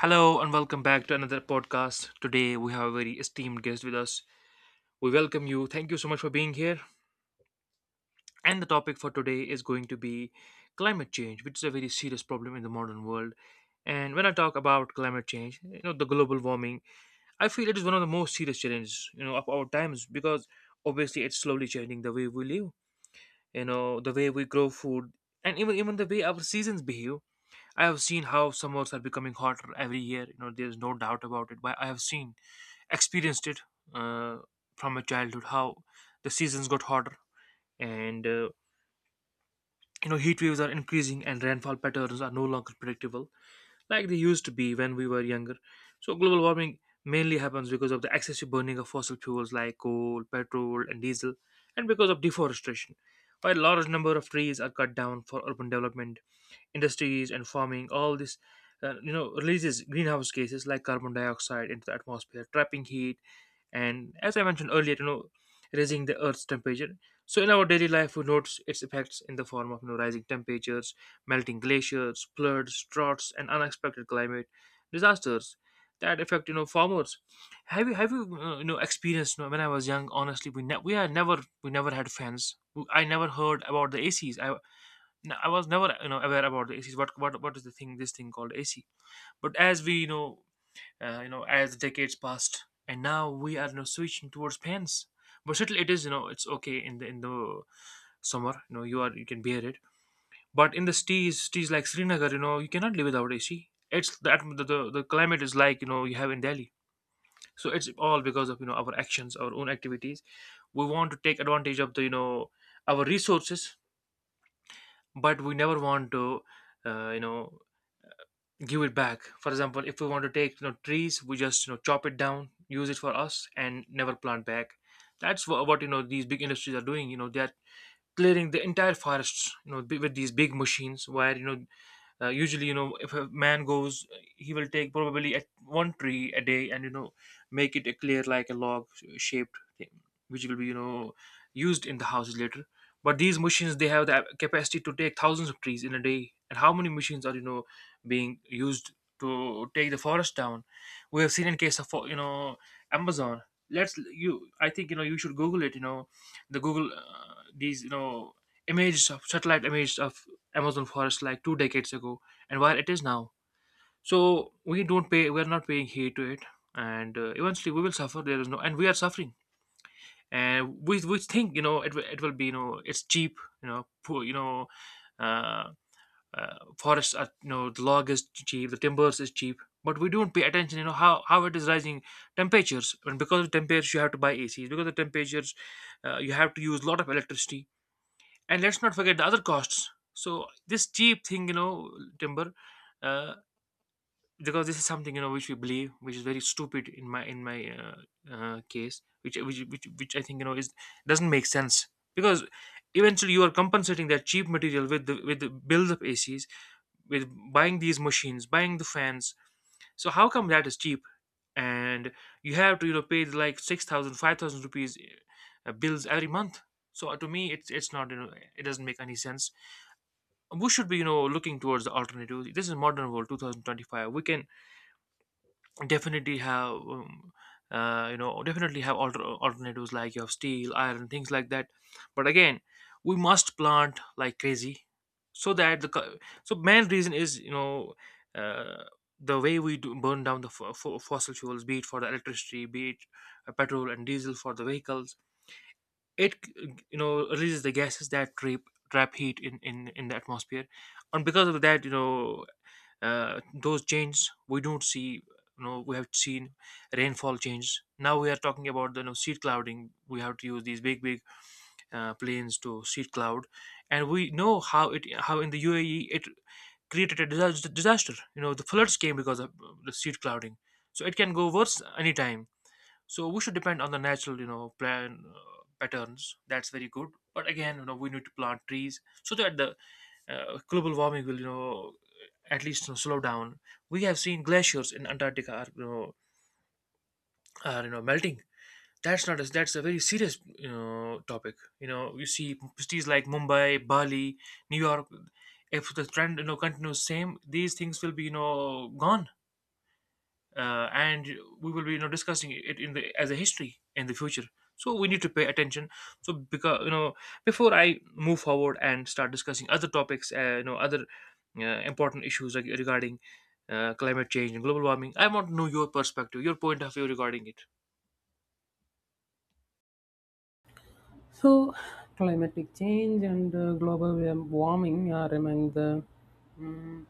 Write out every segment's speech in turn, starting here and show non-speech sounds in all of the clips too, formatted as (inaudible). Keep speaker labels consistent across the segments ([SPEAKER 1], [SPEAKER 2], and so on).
[SPEAKER 1] Hello and welcome back to another podcast. Today we have a very esteemed guest with us. We welcome you. Thank you so much for being here. And the topic for today is going to be climate change, which is a very serious problem in the modern world. And when I talk about climate change, you know, the global warming, I feel it is one of the most serious challenges, you know, of our times because obviously it's slowly changing the way we live, you know, the way we grow food, and even the way our seasons behave. I have seen how summers are becoming hotter every year. You know, there's no doubt about it. But I have seen experienced it uh, from my childhood how the seasons got hotter and you know, heat waves are increasing and rainfall patterns are no longer predictable like they used to be when we were younger. So global warming mainly happens because of the excessive burning of fossil fuels like coal, petrol and diesel, and because of deforestation. While a large number of trees are cut down for urban development, industries and farming, all this you know, releases greenhouse gases like carbon dioxide into the atmosphere, trapping heat and, as I mentioned earlier, you know, raising the earth's temperature. So in our daily life we notice its effects in the form of, you know, rising temperatures, melting glaciers, floods, droughts and unexpected climate disasters that affect, you know, farmers. Have you you know, experienced, you know, when I was young, honestly, we had never we never had fans. I never heard about the ACs. I No, I was never, you know, aware about the ACs. What is the thing? This thing called AC. But as we, you know, as decades passed, and now we are, you know, switching towards fans. But still, it is, you know, it's okay in the summer. You know, you can bear it. But in the cities, cities like Srinagar, you know, you cannot live without AC. It's the the climate is like, you know, you have in Delhi. So it's all because of, you know, our actions, our own activities. We want to take advantage of the, you know, our resources, but we never want to you know, give it back. For example, if we want to take, you know, trees, we just, you know, chop it down, use it for us and never plant back. That's what, you know, these big industries are doing. You know, they're clearing the entire forests, you know, with these big machines where, you know, usually, you know, if a man goes, he will take probably at one tree a day, and, you know, make it a clear like a log shaped thing which will be, you know, used in the houses later. But these machines, they have the capacity to take thousands of trees in a day. And how many machines are, you know, being used to take the forest down? We have seen in case of you know, Amazon. Let's, you, I think, you know, you should Google it. You know, the Google, these, you know, images of satellite images of Amazon forest like two decades ago and where it is now. So we don't pay, we are not paying heed to it, and eventually we will suffer. There is no, and we are suffering, and we think, you know, it will, it will be, you know, it's cheap, you know, poor, you know. Uh, Forests are, you know, the log is cheap, the timbers is cheap, but we don't pay attention, you know, how it is rising temperatures, and because of temperatures you have to buy ACs, because of temperatures you have to use a lot of electricity. And let's not forget the other costs. So this cheap thing, you know, timber uh, because this is something, you know, which we believe, which is very stupid in my case, which, which I think, you know, is doesn't make sense, because eventually you are compensating that cheap material with the bills of ACs, with buying these machines, buying the fans. So how come that is cheap? And you have to, you know, pay like 6,000, 5,000 rupees bills every month. So to me it's not, you know, it doesn't make any sense. We should be, you know, looking towards the alternatives. This is modern world, 2025. We can definitely have you know, definitely have alternatives like you have steel, iron, things like that. But again, we must plant like crazy so that the so main reason is, you know, uh, the way we do burn down the fossil fuels, be it for the electricity, be it petrol and diesel for the vehicles. It, you know, releases the gases that trap heat in in the atmosphere. And because of that, you know, those changes we don't see, you know, we have seen rainfall changes. Now we are talking about the, you know, seed clouding. We have to use these big planes to seed cloud. And we know how it, how in the UAE it created a disaster, you know, the floods came because of the seed clouding. So it can go worse anytime. So we should depend on the natural, you know, plan, patterns. That's very good. But again, you know, we need to plant trees so that the global warming will, you know, at least, you know, slow down. We have seen glaciers in Antarctica are, you know, are, you know, melting. That's not a, that's a very serious, you know, topic. You know, you see cities like Mumbai, Bali, New York. If the trend, you know, continues same, these things will be, you know, gone. And we will be, you know, discussing it in the as a history in the future. So we need to pay attention. So because, you know, before I move forward and start discussing other topics, you know, other uh, important issues regarding climate change and global warming, I want to know your perspective, your point of view regarding it.
[SPEAKER 2] So, climatic change and global warming are among the mm,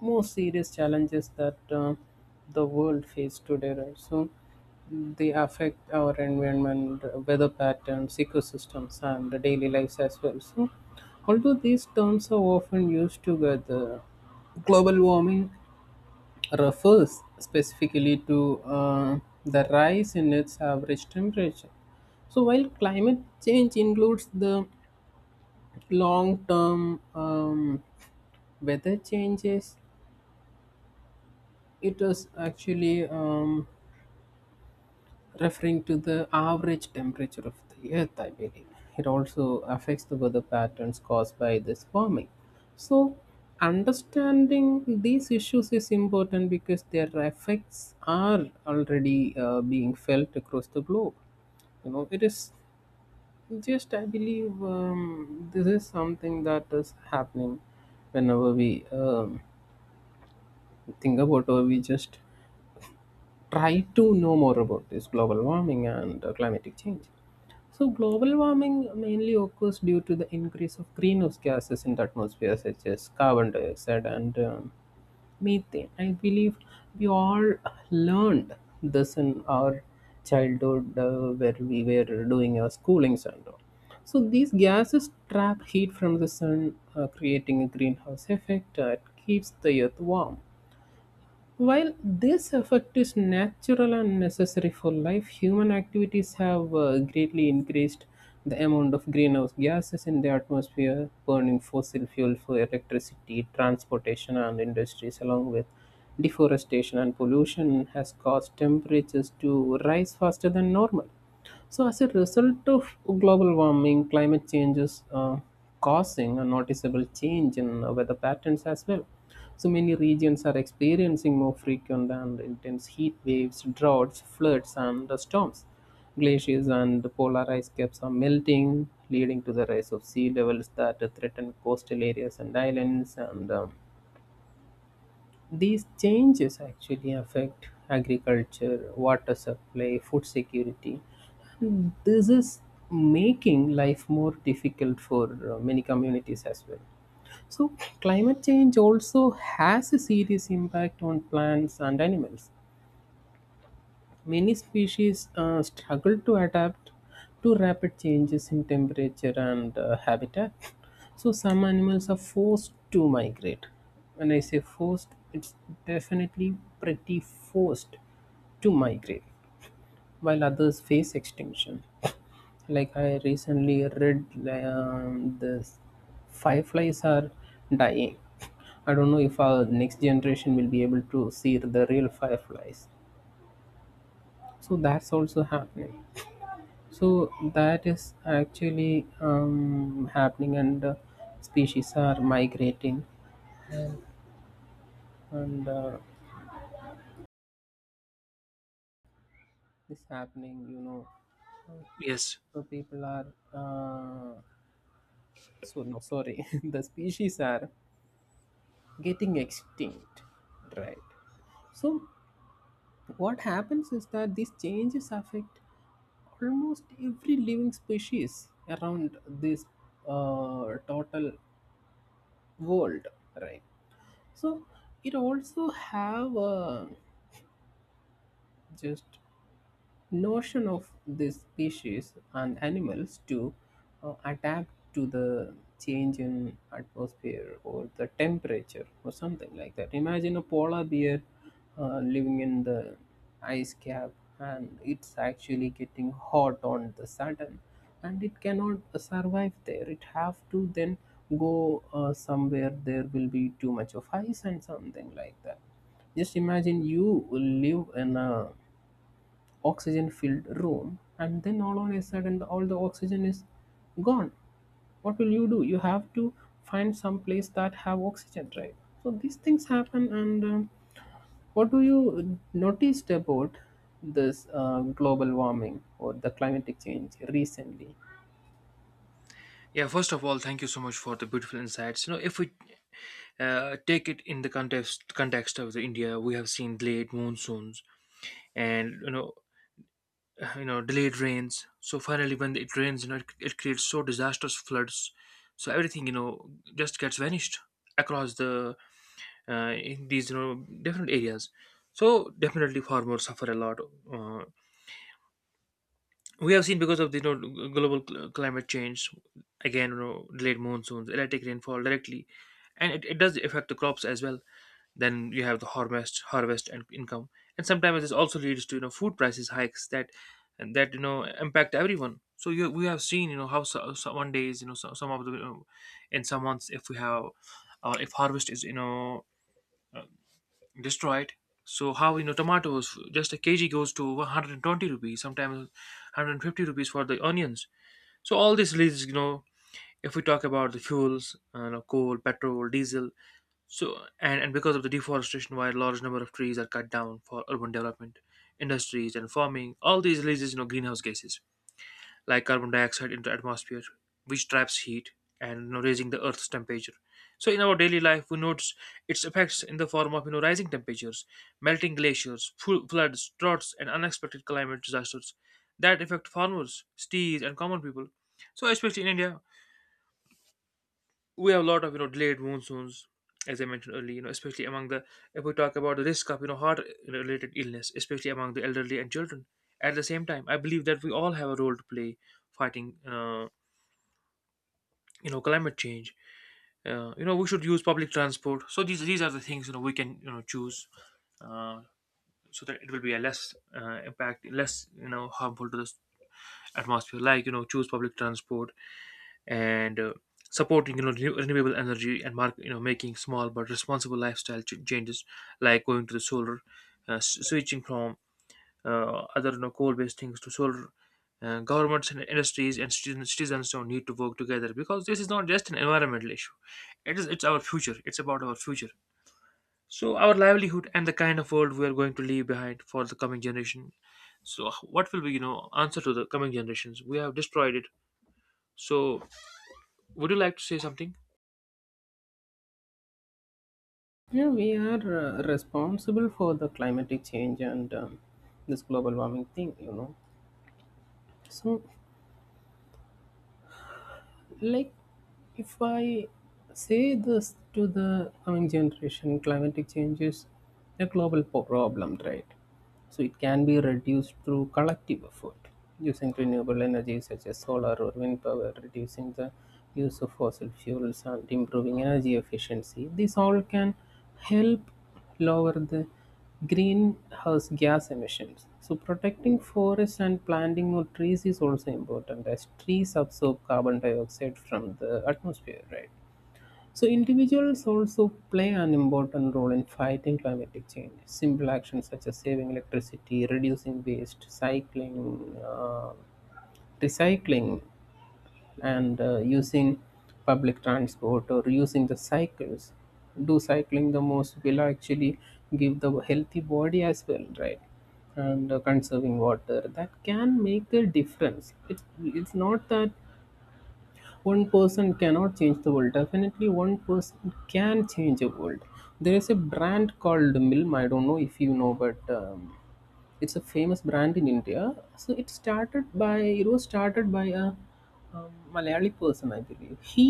[SPEAKER 2] most serious challenges that the world faces today, right? So, they affect our environment, weather patterns, ecosystems, and the daily lives as well. So, although these terms are often used together, global warming refers specifically to the rise in its average temperature. So, while climate change includes the long term weather changes, it is actually referring to the average temperature of the earth. I believe it also affects the weather patterns caused by this warming. So understanding these issues is important because their effects are already being felt across the globe. It is just, I believe, this is something that is happening whenever we think about or we just try to know more about this global warming and climatic change. So, global warming mainly occurs due to the increase of greenhouse gases in the atmosphere, such as carbon dioxide and methane. I believe we all learned this in our childhood, where we were doing our schoolings and all. So, these gases trap heat from the sun, creating a greenhouse effect that keeps the earth warm. While this effect is natural and necessary for life, human activities have greatly increased the amount of greenhouse gases in the atmosphere. Burning fossil fuel for electricity, transportation, and industries, along with deforestation and pollution, has caused temperatures to rise faster than normal. So, as a result of global warming, climate change is causing a noticeable change in weather patterns as well. So many regions are experiencing more frequent and intense heat waves, droughts, floods, and storms. Glaciers and polar ice caps are melting, leading to the rise of sea levels that threaten coastal areas and islands. And these changes actually affect agriculture, water supply, food security. This is making life more difficult for many communities as well. So, climate change also has a serious impact on plants and animals. Many species struggle to adapt to rapid changes in temperature and habitat. So, some animals are forced to migrate. When I say forced, it's definitely pretty forced to migrate, while others face extinction. Like, I recently read, this, fireflies are dying. I don't know if our next generation will be able to see the real fireflies, so that's also happening. So that is actually happening, and species are migrating, and this happening, you know.
[SPEAKER 1] Yes.
[SPEAKER 2] So people are uh, so no, sorry, (laughs) the species are getting extinct, right? So what happens is that these changes affect almost every living species around this total world, right? So it also have just notion of this species and animals to adapt to the change in atmosphere or the temperature or something like that. Imagine a polar bear living in the ice cap, and it's actually getting hot on the sudden, and it cannot survive there. It have to then go somewhere there will be too much of ice and something like that. Just imagine you live in a oxygen filled room, and then all on a sudden all the oxygen is gone. What will you do? You have to find some place that have oxygen, right? So these things happen, and what do you noticed about this global warming or the climatic change recently?
[SPEAKER 1] Yeah, first of all, thank you so much for the beautiful insights. You know, if we take it in the context of the India, we have seen delayed monsoons and, you know, delayed rains. So finally when it rains, you know, it creates so disastrous floods. So everything, you know, just gets vanished across the, in these, you know, different areas. So definitely farmers suffer a lot. uh, we have seen because of the, you know, global climate change, again, you know, delayed monsoons, erratic rainfall directly, and it does affect the crops as well. Then you have the harvest and income. And sometimes this also leads to, you know, food prices hikes that, and that, you know, impact everyone. So you, we have seen, you know, how so, so one days, you know, so, some of the, you know, in some months if we have, or if harvest is, you know, uh, destroyed, so how, you know, tomatoes just a kg goes to 120 rupees, sometimes 150 rupees for the onions. So all this leads, you know, if we talk about the fuels, you know, coal, petrol, diesel. So, and because of the deforestation, why a large number of trees are cut down for urban development, industries, and farming, all these releases, you know, greenhouse gases like carbon dioxide into atmosphere, which traps heat and, you know, raising the Earth's temperature. So in our daily life, we notice its effects in the form of, you know, rising temperatures, melting glaciers, floods, droughts, and unexpected climate disasters that affect farmers, cities, and common people. So especially in India, we have a lot of, you know, delayed monsoons, as I mentioned earlier, you know, especially among the, if we talk about the risk of, you know, heart related illness, especially among the elderly and children. At the same time, I believe that we all have a role to play fighting you know, climate change. You know, we should use public transport. So these are the things, you know, we can, you know, choose. Uh, so that it will be a less impact, less, you know, harmful to the atmosphere, like, you know, choose public transport, and supporting, you know, renewable energy, and mark, you know, making small but responsible lifestyle changes, like going to the solar, switching from other, you know, coal based things to solar. Governments and industries and citizens don't need to work together, because this is not just an environmental issue, it is, it's our future, it's about our future, so our livelihood, and the kind of world we are going to leave behind for the coming generation. So what will be, you know, answer to the coming generations, we have destroyed it. So would you like to say something?
[SPEAKER 2] Yeah, we are responsible for the climatic change and this global warming thing, you know. So, like, if I say this to the coming generation, climatic change is a global problem, right? So it can be reduced through collective effort. Using renewable energy such as solar or wind power, reducing the use of fossil fuels, and improving energy efficiency, these all can help lower the greenhouse gas emissions. So protecting forests and planting more trees is also important, as trees absorb carbon dioxide from the atmosphere, right? So individuals also play an important role in fighting climatic change. Simple actions such as saving electricity, reducing waste, cycling, recycling, and using public transport or using the cycles, do cycling the most, will actually give the healthy body as well, right? And conserving water, that can make the difference. It's not that one person cannot change the world. Definitely one person can change the world. There is a brand called milm, I don't know if you know, but it's a famous brand in india. So it started by, it was started by a malayali person, I believe. He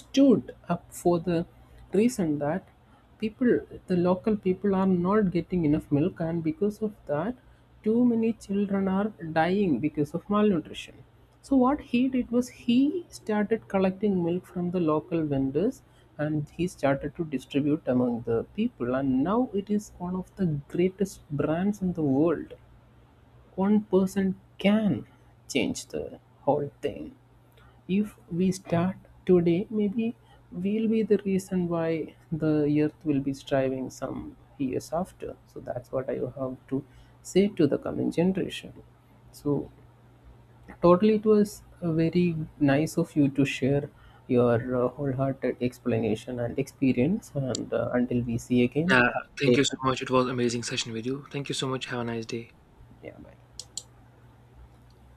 [SPEAKER 2] stood up for the reason that people, the local people are not getting enough milk, and because of that too many children are dying because of malnutrition. So what he did was he started collecting milk from the local vendors, and he started to distribute among the people, and now it is one of the greatest brands in the world. One person can change the whole thing. If we start today, maybe we'll be the reason why the earth will be striving some years after. So that's what I have to say to the coming generation. So totally, it was very nice of you to share your wholehearted explanation and experience, and until we see again,
[SPEAKER 1] Yeah,
[SPEAKER 2] have a
[SPEAKER 1] thank you
[SPEAKER 2] great
[SPEAKER 1] so
[SPEAKER 2] day.
[SPEAKER 1] much. It was amazing session with you. Thank you so much. Have a nice day.
[SPEAKER 2] Yeah, bye.